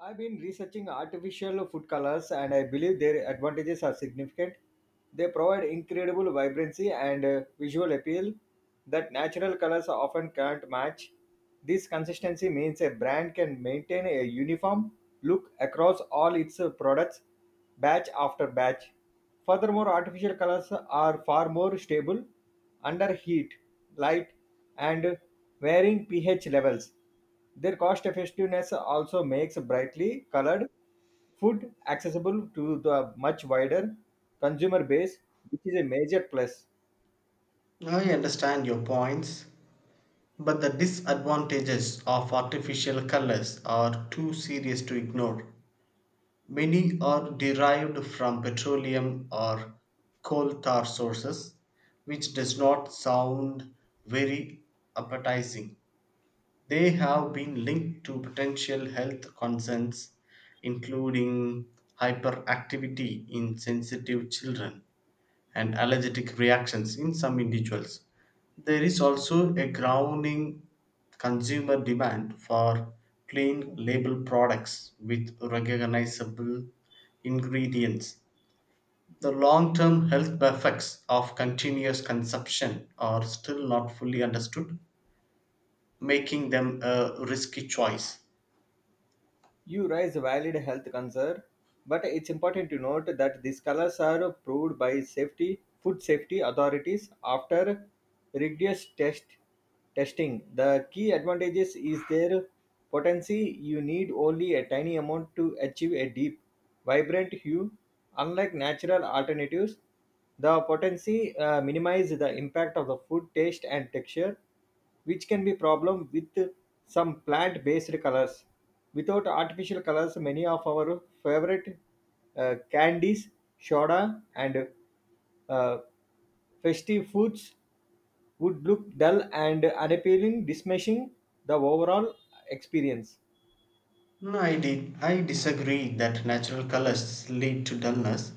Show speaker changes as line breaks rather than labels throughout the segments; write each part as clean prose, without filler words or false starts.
I've been researching artificial food colors and I believe their advantages are significant. They provide incredible vibrancy and visual appeal that natural colors often can't match. This consistency means a brand can maintain a uniform look across all its products, batch after batch. Furthermore, artificial colors are far more stable under heat, light, and varying pH levels. Their cost effectiveness also makes brightly colored food accessible to the much wider consumer base, which is a major plus.
I understand your points, but the disadvantages of artificial colors are too serious to ignore. Many are derived from petroleum or coal tar sources, which does not sound very appetizing. They have been linked to potential health concerns, including hyperactivity in sensitive children and allergic reactions in some individuals. There is also a growing consumer demand for clean label products with recognizable ingredients. The long term health effects of continuous consumption are still not fully understood, making them a risky choice.
You raise a valid health concern, but it's important to note that these colors are approved by safety food safety authorities after rigorous testing. The key advantages is their potency. You need only a tiny amount to achieve a deep, vibrant hue. Unlike natural alternatives, the potency minimizes the impact of the food taste and texture, which can be problem with some plant based colors. Without artificial colors, many of our favorite candies, soda, and uh, festive foods would look dull and unappealing, dismissing the overall experience.
No, I disagree that natural colors lead to dullness.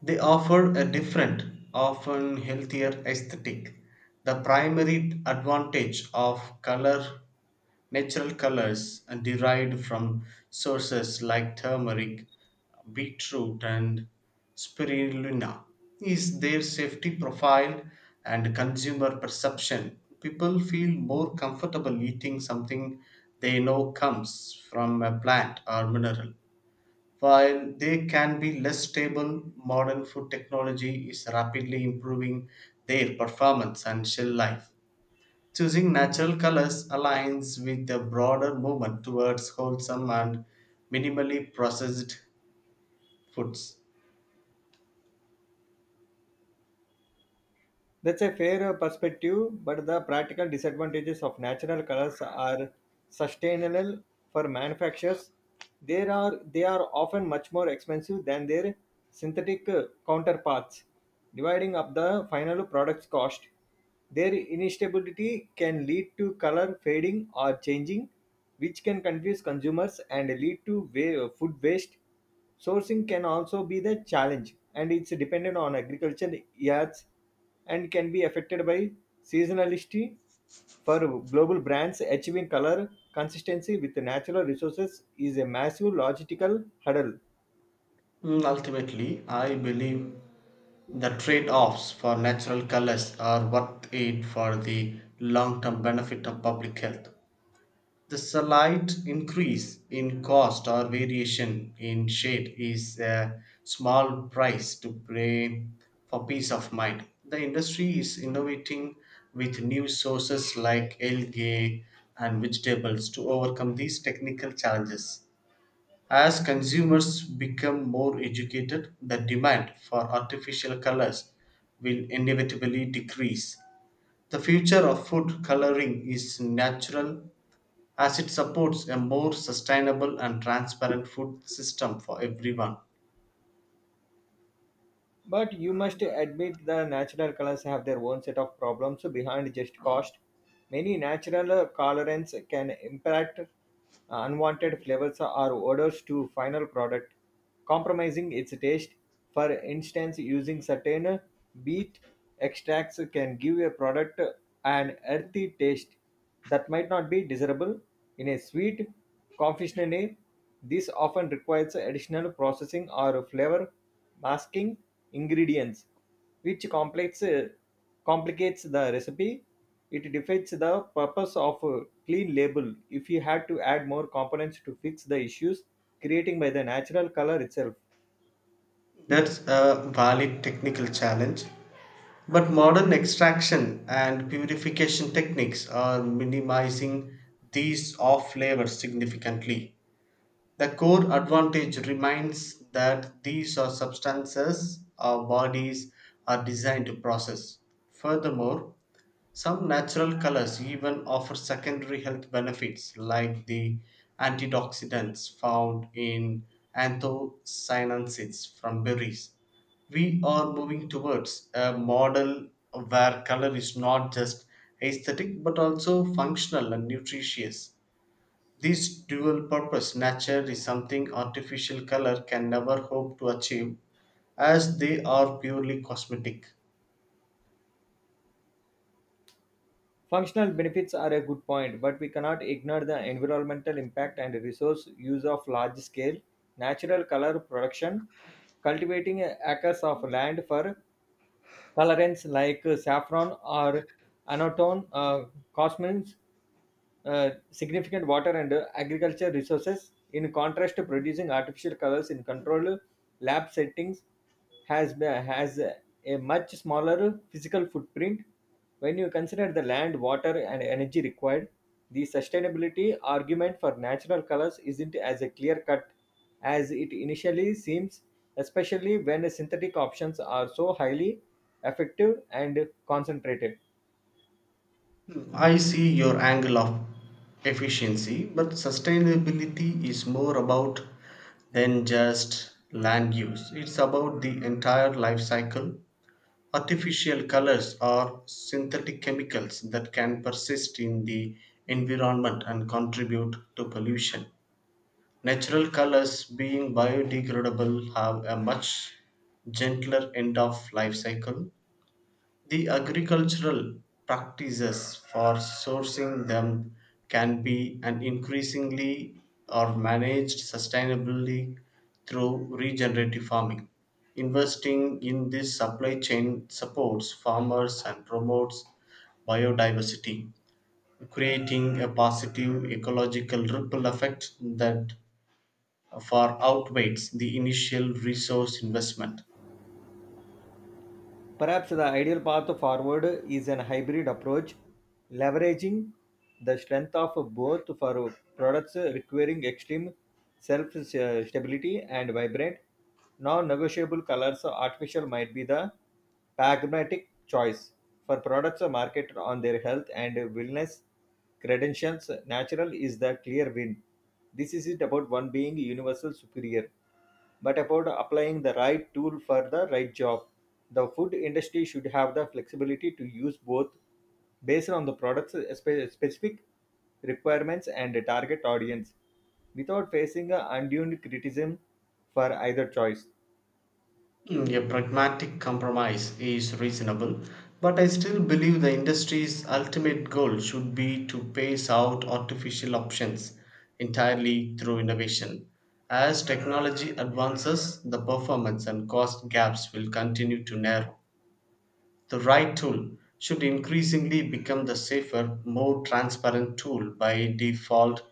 They offer a different, often healthier aesthetic. The primary advantage of natural colors, are derived from sources like turmeric, beetroot and spirulina is their safety profile and consumer perception people feel more comfortable eating something they know comes from a plant or mineral while they can be less stable modern food technology is rapidly improving their performance and shelf life choosing natural colors aligns with the broader movement towards wholesome and minimally processed foods.
That's a fair perspective, but the practical disadvantages of natural colors are sustainable for manufacturers. They are often much more expensive than their synthetic counterparts, dividing up the final product's cost. Their instability can lead to color fading or changing, which can confuse consumers and lead to food waste. Sourcing can also be the challenge, and it's dependent on agricultural yards and can be affected by seasonality. For global brands, achieving color consistency with natural resources is a massive logistical hurdle.
Ultimately, I believe the trade offs for natural colors are worth it for the long term benefit of public health. The slight increase in cost or variation in shade is a small price to pay for peace of mind. The industry is innovating with new sources like algae and vegetables to overcome these technical challenges. As consumers become more educated, the demand for artificial colors will inevitably decrease. The future of food coloring is natural as it supports a more sustainable and transparent food system for everyone.
But you must admit the natural colors have their own set of problems behind just cost. Many natural colorants can impact unwanted flavors or odors to final product, compromising its taste. For instance, using certain beet extracts can give a product an earthy taste that might not be desirable in a sweet confectionery. This often requires additional processing or flavor masking ingredients, which complicates the recipe. It defeats the purpose of a clean label if you had to add more components to fix the issues creating by the natural color itself.
That's a valid technical challenge. But modern extraction and purification techniques are minimizing these off flavors significantly. The core advantage remains that these are substances our bodies are designed to process. Furthermore, some natural colors even offer secondary health benefits like the antioxidants found in anthocyanins from berries. We are moving towards a model where color is not just aesthetic but also functional and nutritious. This dual purpose nature is something artificial color can never hope to achieve as they are purely cosmetic.
Functional benefits are a good point, but we cannot ignore the environmental impact and resource use of large scale natural color production. Cultivating acres of land for colorants like saffron or anatone cosmins significant water and agriculture resources. In contrast, to producing artificial colors in controlled lab settings has a much smaller physical footprint. When you consider the land, water, and energy required, the sustainability argument for natural colors isn't as a clear cut as it initially seems, especially when synthetic options are so highly effective and concentrated.
I see your angle of efficiency, but sustainability is more about than just land use. It's about the entire life cycle. Artificial colors are synthetic chemicals that can persist in the environment and contribute to pollution. Natural colors, being biodegradable, have a much gentler end of life cycle. The agricultural practices for sourcing them can be and increasingly are managed sustainably through regenerative farming. Investing in this supply chain supports farmers and promotes biodiversity, creating a positive ecological ripple effect that far outweighs the initial resource investment.
Perhaps the ideal path forward is an hybrid approach, leveraging the strength of both. For products requiring extreme self stability and vibrant, non negotiable colors, artificial might be the pragmatic choice. For products marketed on their health and wellness credentials, natural is the clear win. This isn't about one being universal superior, but about applying the right tool for the right job. The food industry should have the flexibility to use both based on the product's specific requirements and target audience without facing a undue criticism for either choice.
A pragmatic compromise is reasonable, but I still believe the industry's ultimate goal should be to phase out artificial options entirely through innovation. As technology advances, the performance and cost gaps will continue to narrow. The right tool should increasingly become the safer, more transparent tool by default.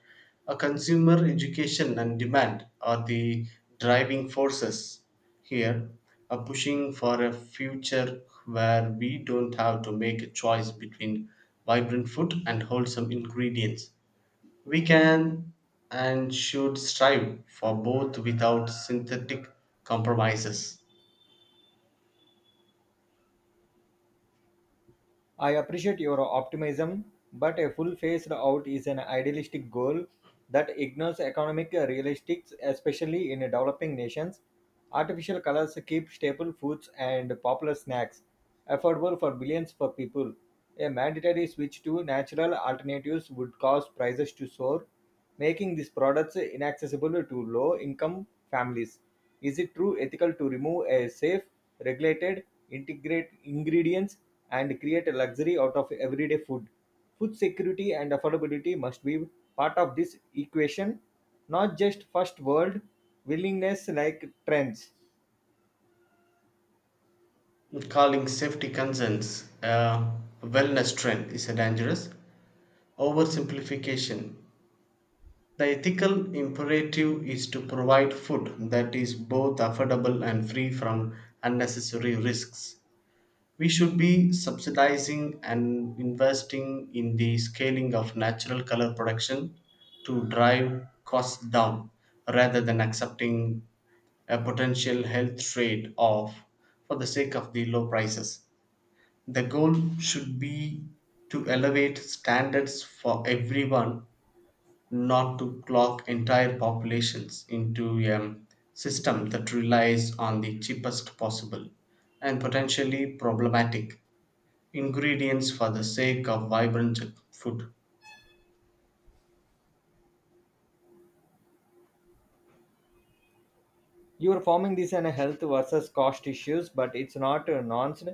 A consumer education and demand are the driving forces here, a pushing for a future where we don't have to make a choice between vibrant food and wholesome ingredients. We can and should strive for both without synthetic compromises.
I appreciate your optimism, but a full phased out is an idealistic goal that ignores economic realistics, especially in developing nations. Artificial colors keep staple foods and popular snacks affordable for billions for people. A mandatory switch to natural alternatives would cause prices to soar, making these products inaccessible to low-income families. Is it true ethical to remove a safe, regulated, integrate ingredients and create a luxury out of everyday food? Food security and affordability must be part of this equation, not just first world willingness like trends.
Calling safety concerns a wellness trend is a dangerous oversimplification. The ethical imperative is to provide food that is both affordable and free from unnecessary risks. We should be subsidizing and investing in the scaling of natural color production to drive costs down rather than accepting a potential health trade off for the sake of the low prices. The goal should be to elevate standards for everyone, not to clock entire populations into a system that relies on the cheapest possible and potentially problematic ingredients for the sake of vibrant food.
You're forming this on a health versus cost issues, but it's not nuanced.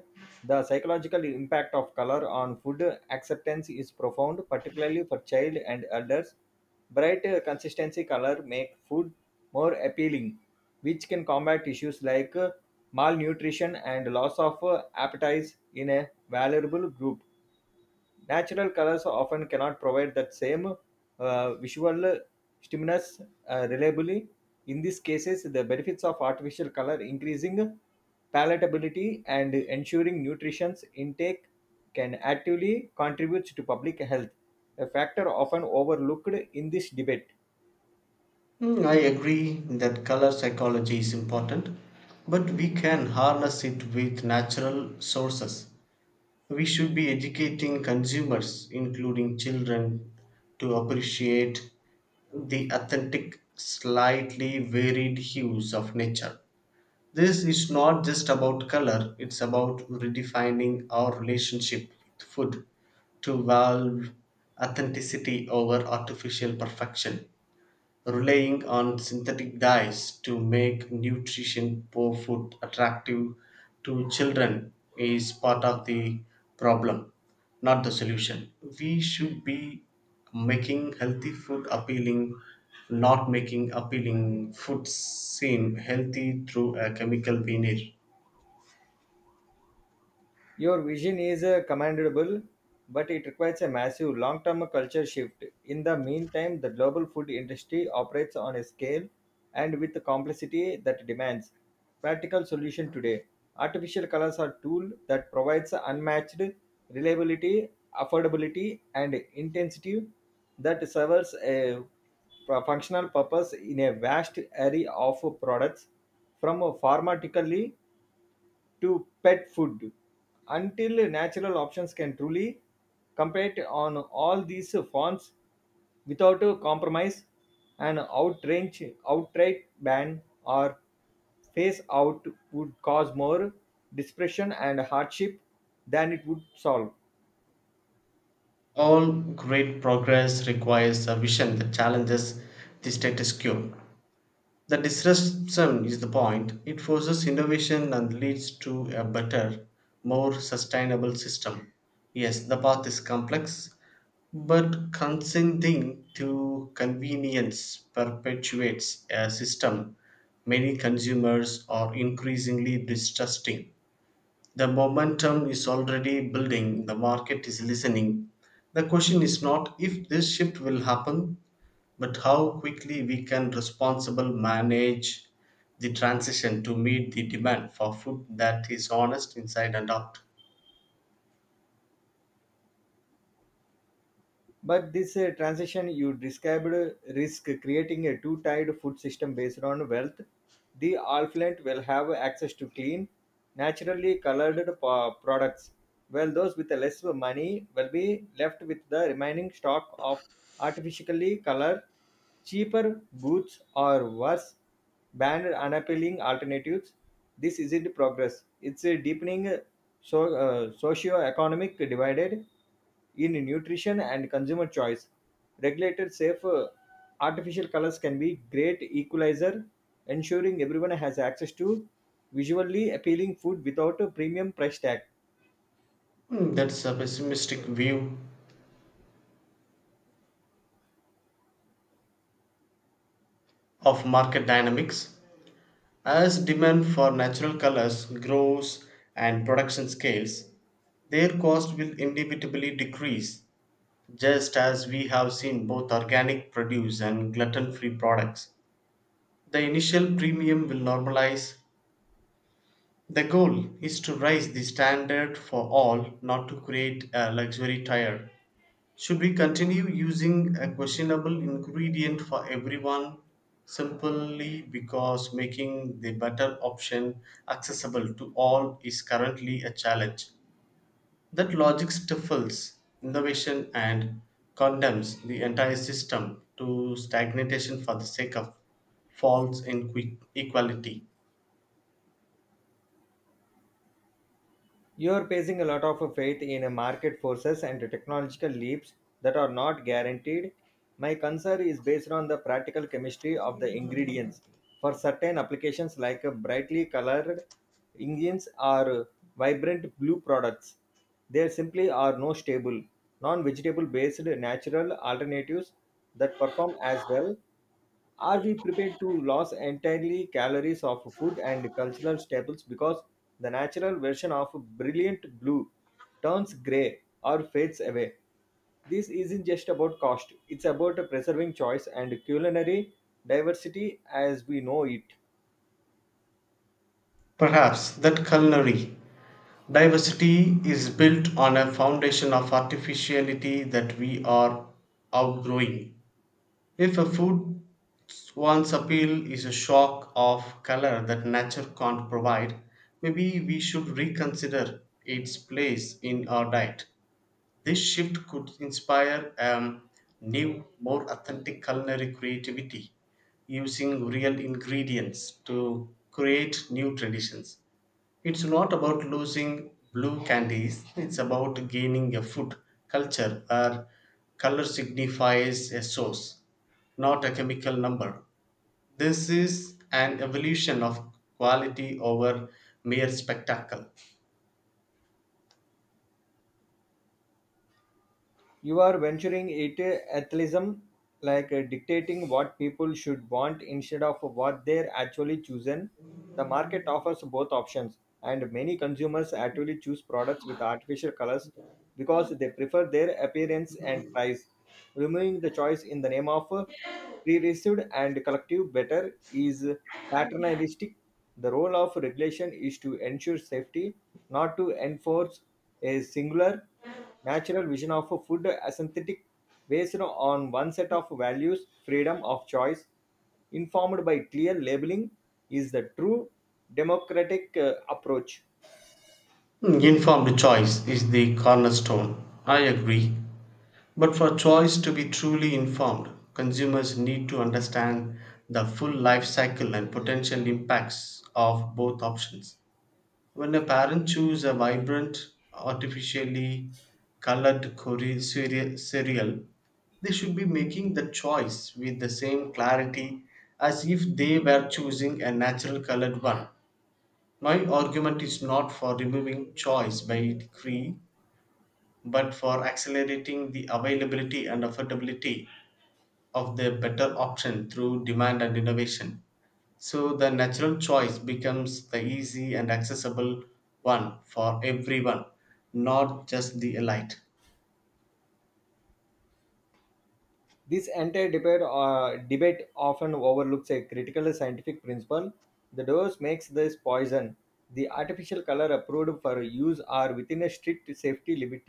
The psychological impact of color on food acceptance is profound, particularly for child and elders. Bright, consistency color make food more appealing, which can combat issues like malnutrition and loss of appetite in a vulnerable group. Natural colors often cannot provide that same visual stimulus reliably. In these cases, the benefits of artificial color increasing palatability and ensuring nutrition's intake can actively contribute to public health, a factor often overlooked in this debate.
I agree that color psychology is important, but we can harness it with natural sources. We should be educating consumers, including children, to appreciate the authentic, slightly varied hues of nature. This is not just about color, it's about redefining our relationship with food to value authenticity over artificial perfection relying on synthetic dyes to make nutrition poor food attractive to children is part of the problem, not the solution. We should be making healthy food appealing, not making appealing food seem healthy through a chemical veneer.
Your vision is commendable, but it requires a massive long term culture shift. In the meantime, the global food industry operates on a scale and with complexity that demands practical solution today. Artificial colors are tool that provides unmatched reliability, affordability, and intensity that serves a functional purpose in a vast array of products, from pharmaceutically to pet food. Until natural options can truly compete on all these fronts without a compromise, an outrage outright ban or phase out would cause more dispersion and hardship than it would solve.
All great progress requires a vision that challenges the status quo. The disruption is the point. It forces innovation and leads to a better, more sustainable system. Yes, the path is complex, but consenting to convenience perpetuates a system many consumers are increasingly distrusting. The momentum is already building, the market is listening. The question is not if this shift will happen, but how quickly we can responsible manage the transition to meet the demand for food that is honest inside and out.
But this transition you described risk creating a two-tiered food system based on wealth. The affluent will have access to clean, naturally colored products, while those with less money will be left with the remaining stock of artificially colored, cheaper goods, or worse, banned unappealing alternatives. This isn't progress. It's a deepening socio-economic divided in nutrition and consumer choice. Regulated safe artificial colors can be great equalizer, ensuring everyone has access to visually appealing food without a premium price tag.
That's a pessimistic view of market dynamics. As demand for natural colors grows and production scales, their cost will inevitably decrease, just as we have seen both organic produce and gluten free products. The initial premium will normalize. The goal is to raise the standard for all, not to create a luxury tire. Should we continue using a questionable ingredient for everyone simply because making the better option accessible to all is currently a challenge? That logic stifles innovation and condemns the entire system to stagnation for the sake of equality.
You're placing a lot of faith in a market forces and technological leaps that are not guaranteed. My concern is based on the practical chemistry of the ingredients. For certain applications like brightly colored engines or vibrant blue products, there simply are no stable, non vegetable based natural alternatives that perform as well. Are we prepared to lose entirely calories of food and cultural staples because the natural version of brilliant blue turns gray or fades away? This isn't just about cost, it's about preserving choice and culinary diversity as we know it.
Perhaps that culinary diversity is built on a foundation of artificiality that we are outgrowing. If a food's once appeal is a shock of color that nature can't provide, maybe we should reconsider its place in our diet. This shift could inspire new, more authentic culinary creativity using real ingredients to create new traditions. It's not about losing blue candies, it's about gaining a food culture where color signifies a source, not a chemical number. This is an evolution of quality over mere spectacle.
You are venturing into atheism, like dictating what people should want instead of what they're actually chosen. The market offers both options, and many consumers actually choose products with artificial colors because they prefer their appearance and price. Removing the choice in the name of pre-received and collective better is paternalistic. The role of regulation is to ensure safety, not to enforce a singular natural vision of food as synthetic based on one set of values. Freedom of choice, informed by clear labeling, is the true democratic approach.
Informed choice is the cornerstone. I agree. But for choice to be truly informed, consumers need to understand the full life cycle and potential impacts of both options. When a parent chooses a vibrant, artificially colored cereal, they should be making the choice with the same clarity as if they were choosing a natural colored one. My argument is not for removing choice by decree, but for accelerating the availability and affordability of the better option through demand and innovation. So the natural choice becomes the easy and accessible one for everyone, not just the elite.
This entire debate often overlooks a critical scientific principle. The dose makes this poison. The artificial color approved for use are within a strict safety limit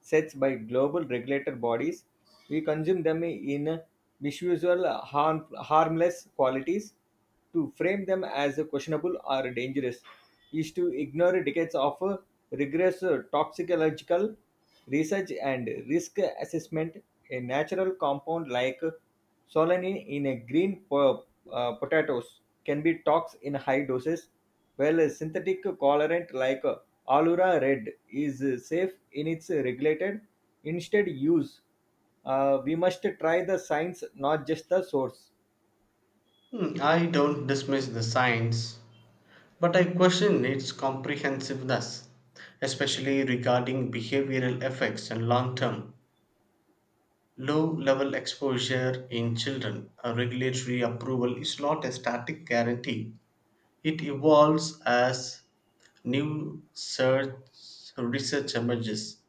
sets by global regulator bodies. We consume them in visual harm, harmless qualities. To frame them as questionable or dangerous is to ignore decades of rigorous toxicological research and risk assessment. A natural compound like solanine in a potatoes can be tox in high doses, while a synthetic colorant like Allura red is safe in its regulated instead use. We must try the science, not just the source.
I don't dismiss the science, but I question its comprehensiveness, especially regarding behavioral effects and long term. Low level exposure in children, a regulatory approval is not a static guarantee. It evolves as new search research emerges.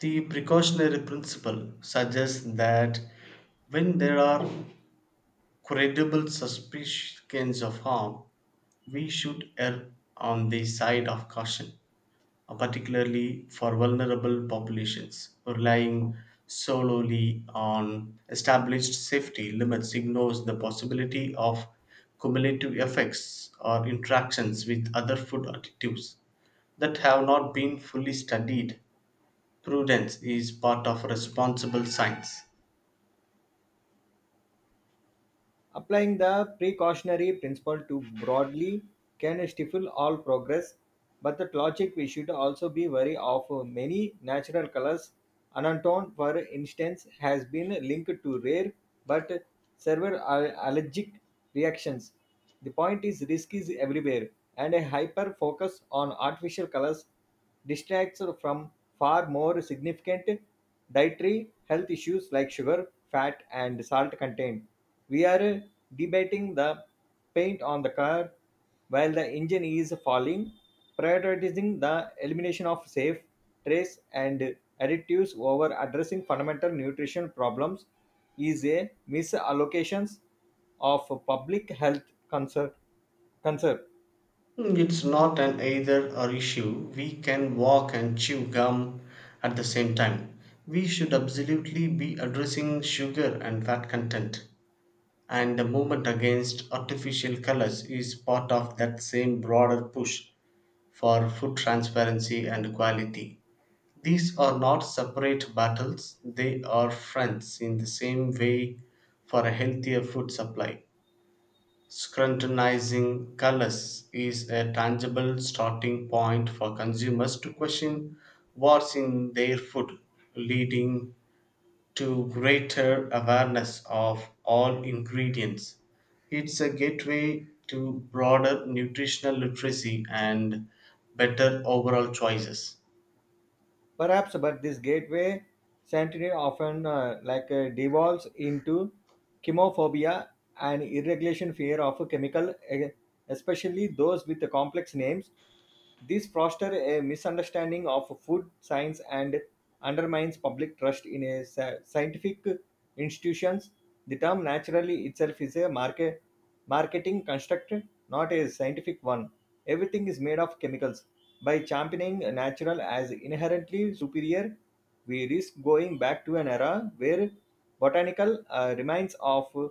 The precautionary principle suggests that when there are credible suspicions of harm, we should err on the side of caution, particularly for vulnerable populations. Relying solely on established safety limits ignores the possibility of cumulative effects or interactions with other food additives that have not been fully studied. Prudence is part of responsible science.
Applying the precautionary principle too broadly can stifle all progress, but the logic we should also be wary of many natural colors. Anantone, for instance, has been linked to rare but severe allergic reactions. The point is, risk is everywhere, and a hyper focus on artificial colors distracts from far more significant dietary health issues like sugar, fat, and salt content. We are debating the paint on the car while the engine is falling. Prioritizing the elimination of safe, trace, and additives over addressing fundamental nutrition problems is a misallocations of public health concern. concern.
It's not an either or issue. We can walk and chew gum at the same time. We should absolutely be addressing sugar and fat content. And the movement against artificial colors is part of that same broader push for food transparency and quality. These are not separate battles, they are friends in the same way for a healthier food supply. Scrutinizing colors is a tangible starting point for consumers to question what's in their food, leading to greater awareness of all ingredients. It's a gateway to broader nutritional literacy and better overall choices.
Perhaps, but this gateway century often devolves into chemophobia and irregulation fear of especially those with complex names. This fosters a misunderstanding of food science and undermines public trust in a scientific institutions. The term naturally itself is a marketing construct, not a scientific one. Everything is made of chemicals. By championing natural as inherently superior, we risk going back to an era where botanical remains of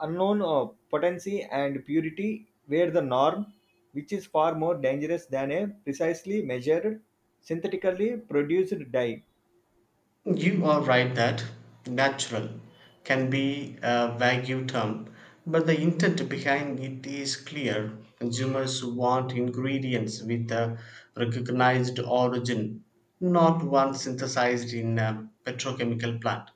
unknown potency and purity were the norm, which is far more dangerous than a precisely measured, synthetically produced dye.
You are right that natural can be a vague term, but the intent behind it is clear. Consumers want ingredients with a recognized origin, not one synthesized in a petrochemical plant.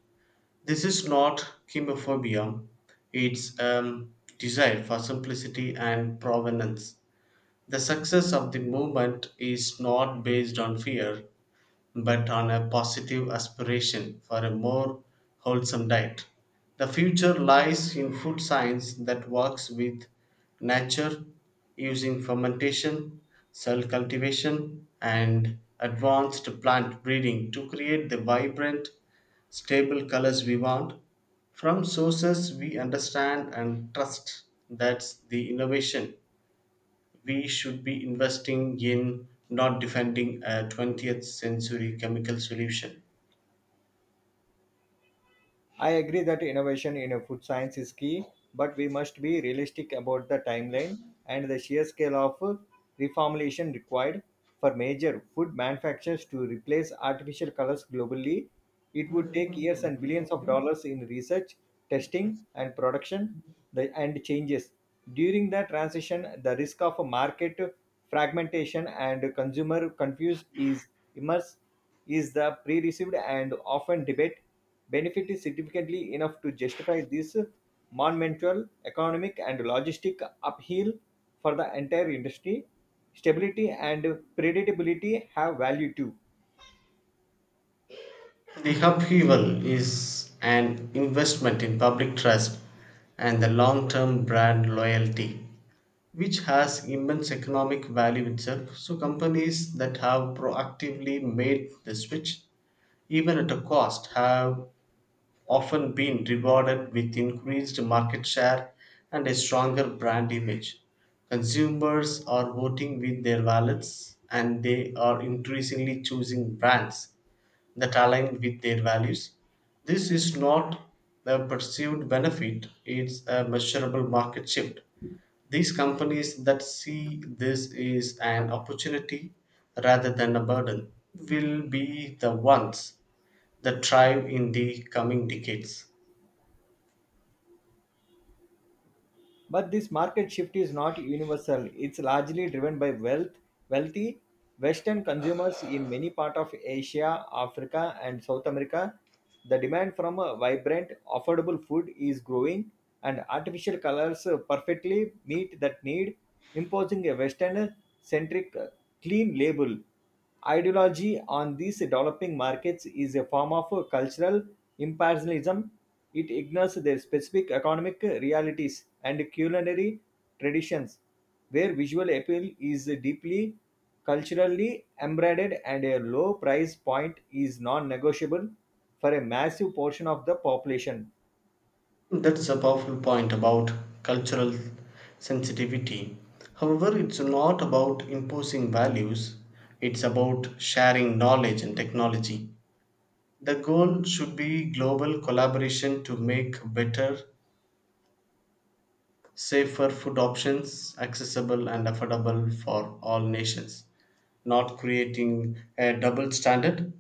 This is not chemophobia, it's desire for simplicity and provenance. The success of the movement is not based on fear, but on a positive aspiration for a more wholesome diet. The future lies in food science that works with nature using fermentation, cell cultivation, and advanced plant breeding to create the vibrant, stable colors we want. From sources we understand and trust, that's the innovation we should be investing in, not defending a 20th century chemical solution.
I agree that innovation in food science is key, but we must be realistic about the timeline and the sheer scale of reformulation required for major food manufacturers to replace artificial colors globally. It would take years and billions of dollars in research, testing, and production the, and changes. During the transition, the risk of market fragmentation and consumer confuse is immense. Is the pre-received and often debate benefit is significantly enough to justify this monumental economic and logistic upheaval for the entire industry? Stability and predictability have value too.
The upheaval is an investment in public trust and the long term brand loyalty, which has immense economic value itself. So, companies that have proactively made the switch, even at a cost, have often been rewarded with increased market share and a stronger brand image. Consumers are voting with their wallets and they are increasingly choosing brands that align with their values. This is not a perceived benefit, it's a measurable market shift. These companies that see this is an opportunity rather than a burden will be the ones that thrive in the coming decades.
But this market shift is not universal. It's largely driven by wealthy Western consumers in many parts of Asia, Africa, and South America. The demand from a vibrant, affordable food is growing, and artificial colors perfectly meet that need. Imposing a Western centric clean label ideology on these developing markets is a form of cultural imperialism; it ignores their specific economic realities and culinary traditions, where visual appeal is deeply culturally embedded and a low price point is non negotiable for a massive portion of the population.
That is a powerful point about cultural sensitivity. However, it's not about imposing values, it's about sharing knowledge and technology. The goal should be global collaboration to make better, safer food options accessible and affordable for all nations, not creating a double standard.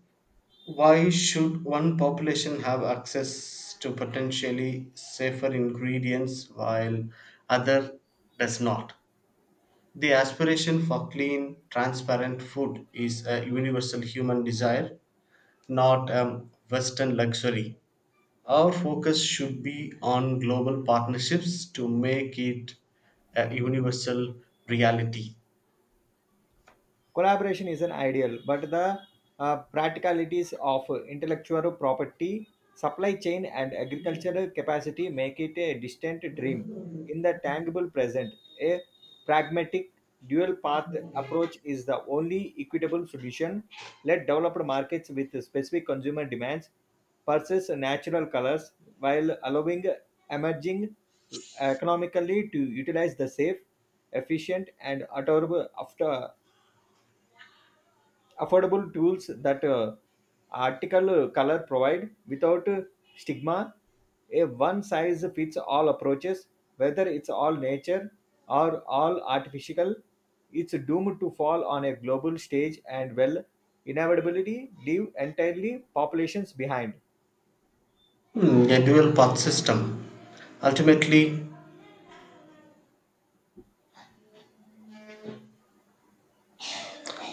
Why should one population have access to potentially safer ingredients while other does not? The aspiration for clean, transparent food is a universal human desire, not a Western luxury. Our focus should be on global partnerships to make it a universal reality.
Collaboration is an ideal, but the practicalities of intellectual property, supply chain, and agricultural capacity make it a distant dream. In the tangible present, a pragmatic dual path approach is the only equitable solution. Let developed markets with specific consumer demands purchase natural colors, while allowing emerging economically to utilize the safe, efficient, and affordable tools that article color provide without stigma. A one size fits all approaches, whether it's all nature or all artificial, it's doomed to fall on a global stage and will inevitably leave entirely populations behind.
A dual path system. Ultimately,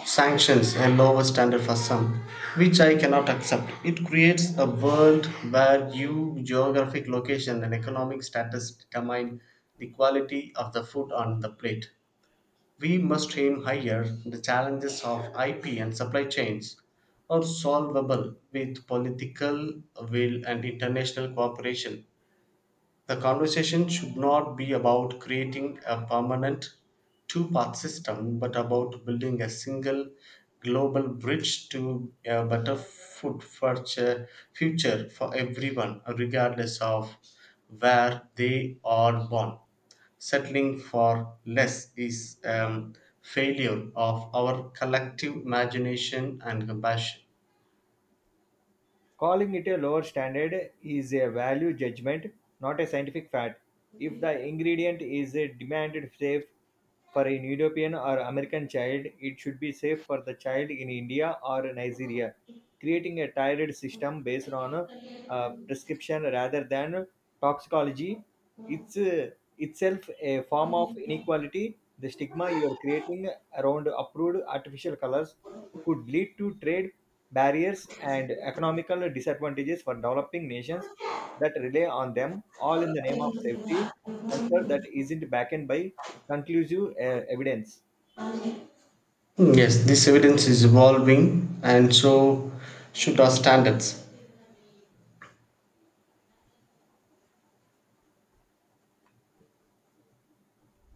sanctions a lower standard for some, which I cannot accept. It creates a world where you, geographic location, and economic status determine the quality of the food on the plate. We must aim higher. The challenges of IP and supply chains are solvable with political will and international cooperation. The conversation should not be about creating a permanent two path system, but about building a single global bridge to a better food future for everyone, regardless of where they are born. Settling for less is failure of our collective imagination and compassion.
Calling it a lower standard is a value judgment, not a scientific fact. If the ingredient is demanded safe for an European or American child, it should be safe for the child in India or Nigeria. Creating a tiered system based on prescription rather than toxicology, it's itself a form of inequality. The stigma you are creating around approved artificial colors could lead to trade barriers and economical disadvantages for developing nations that rely on them, all in the name of safety concern that isn't backed by conclusive evidence.
Yes, this evidence is evolving, and so should our standards.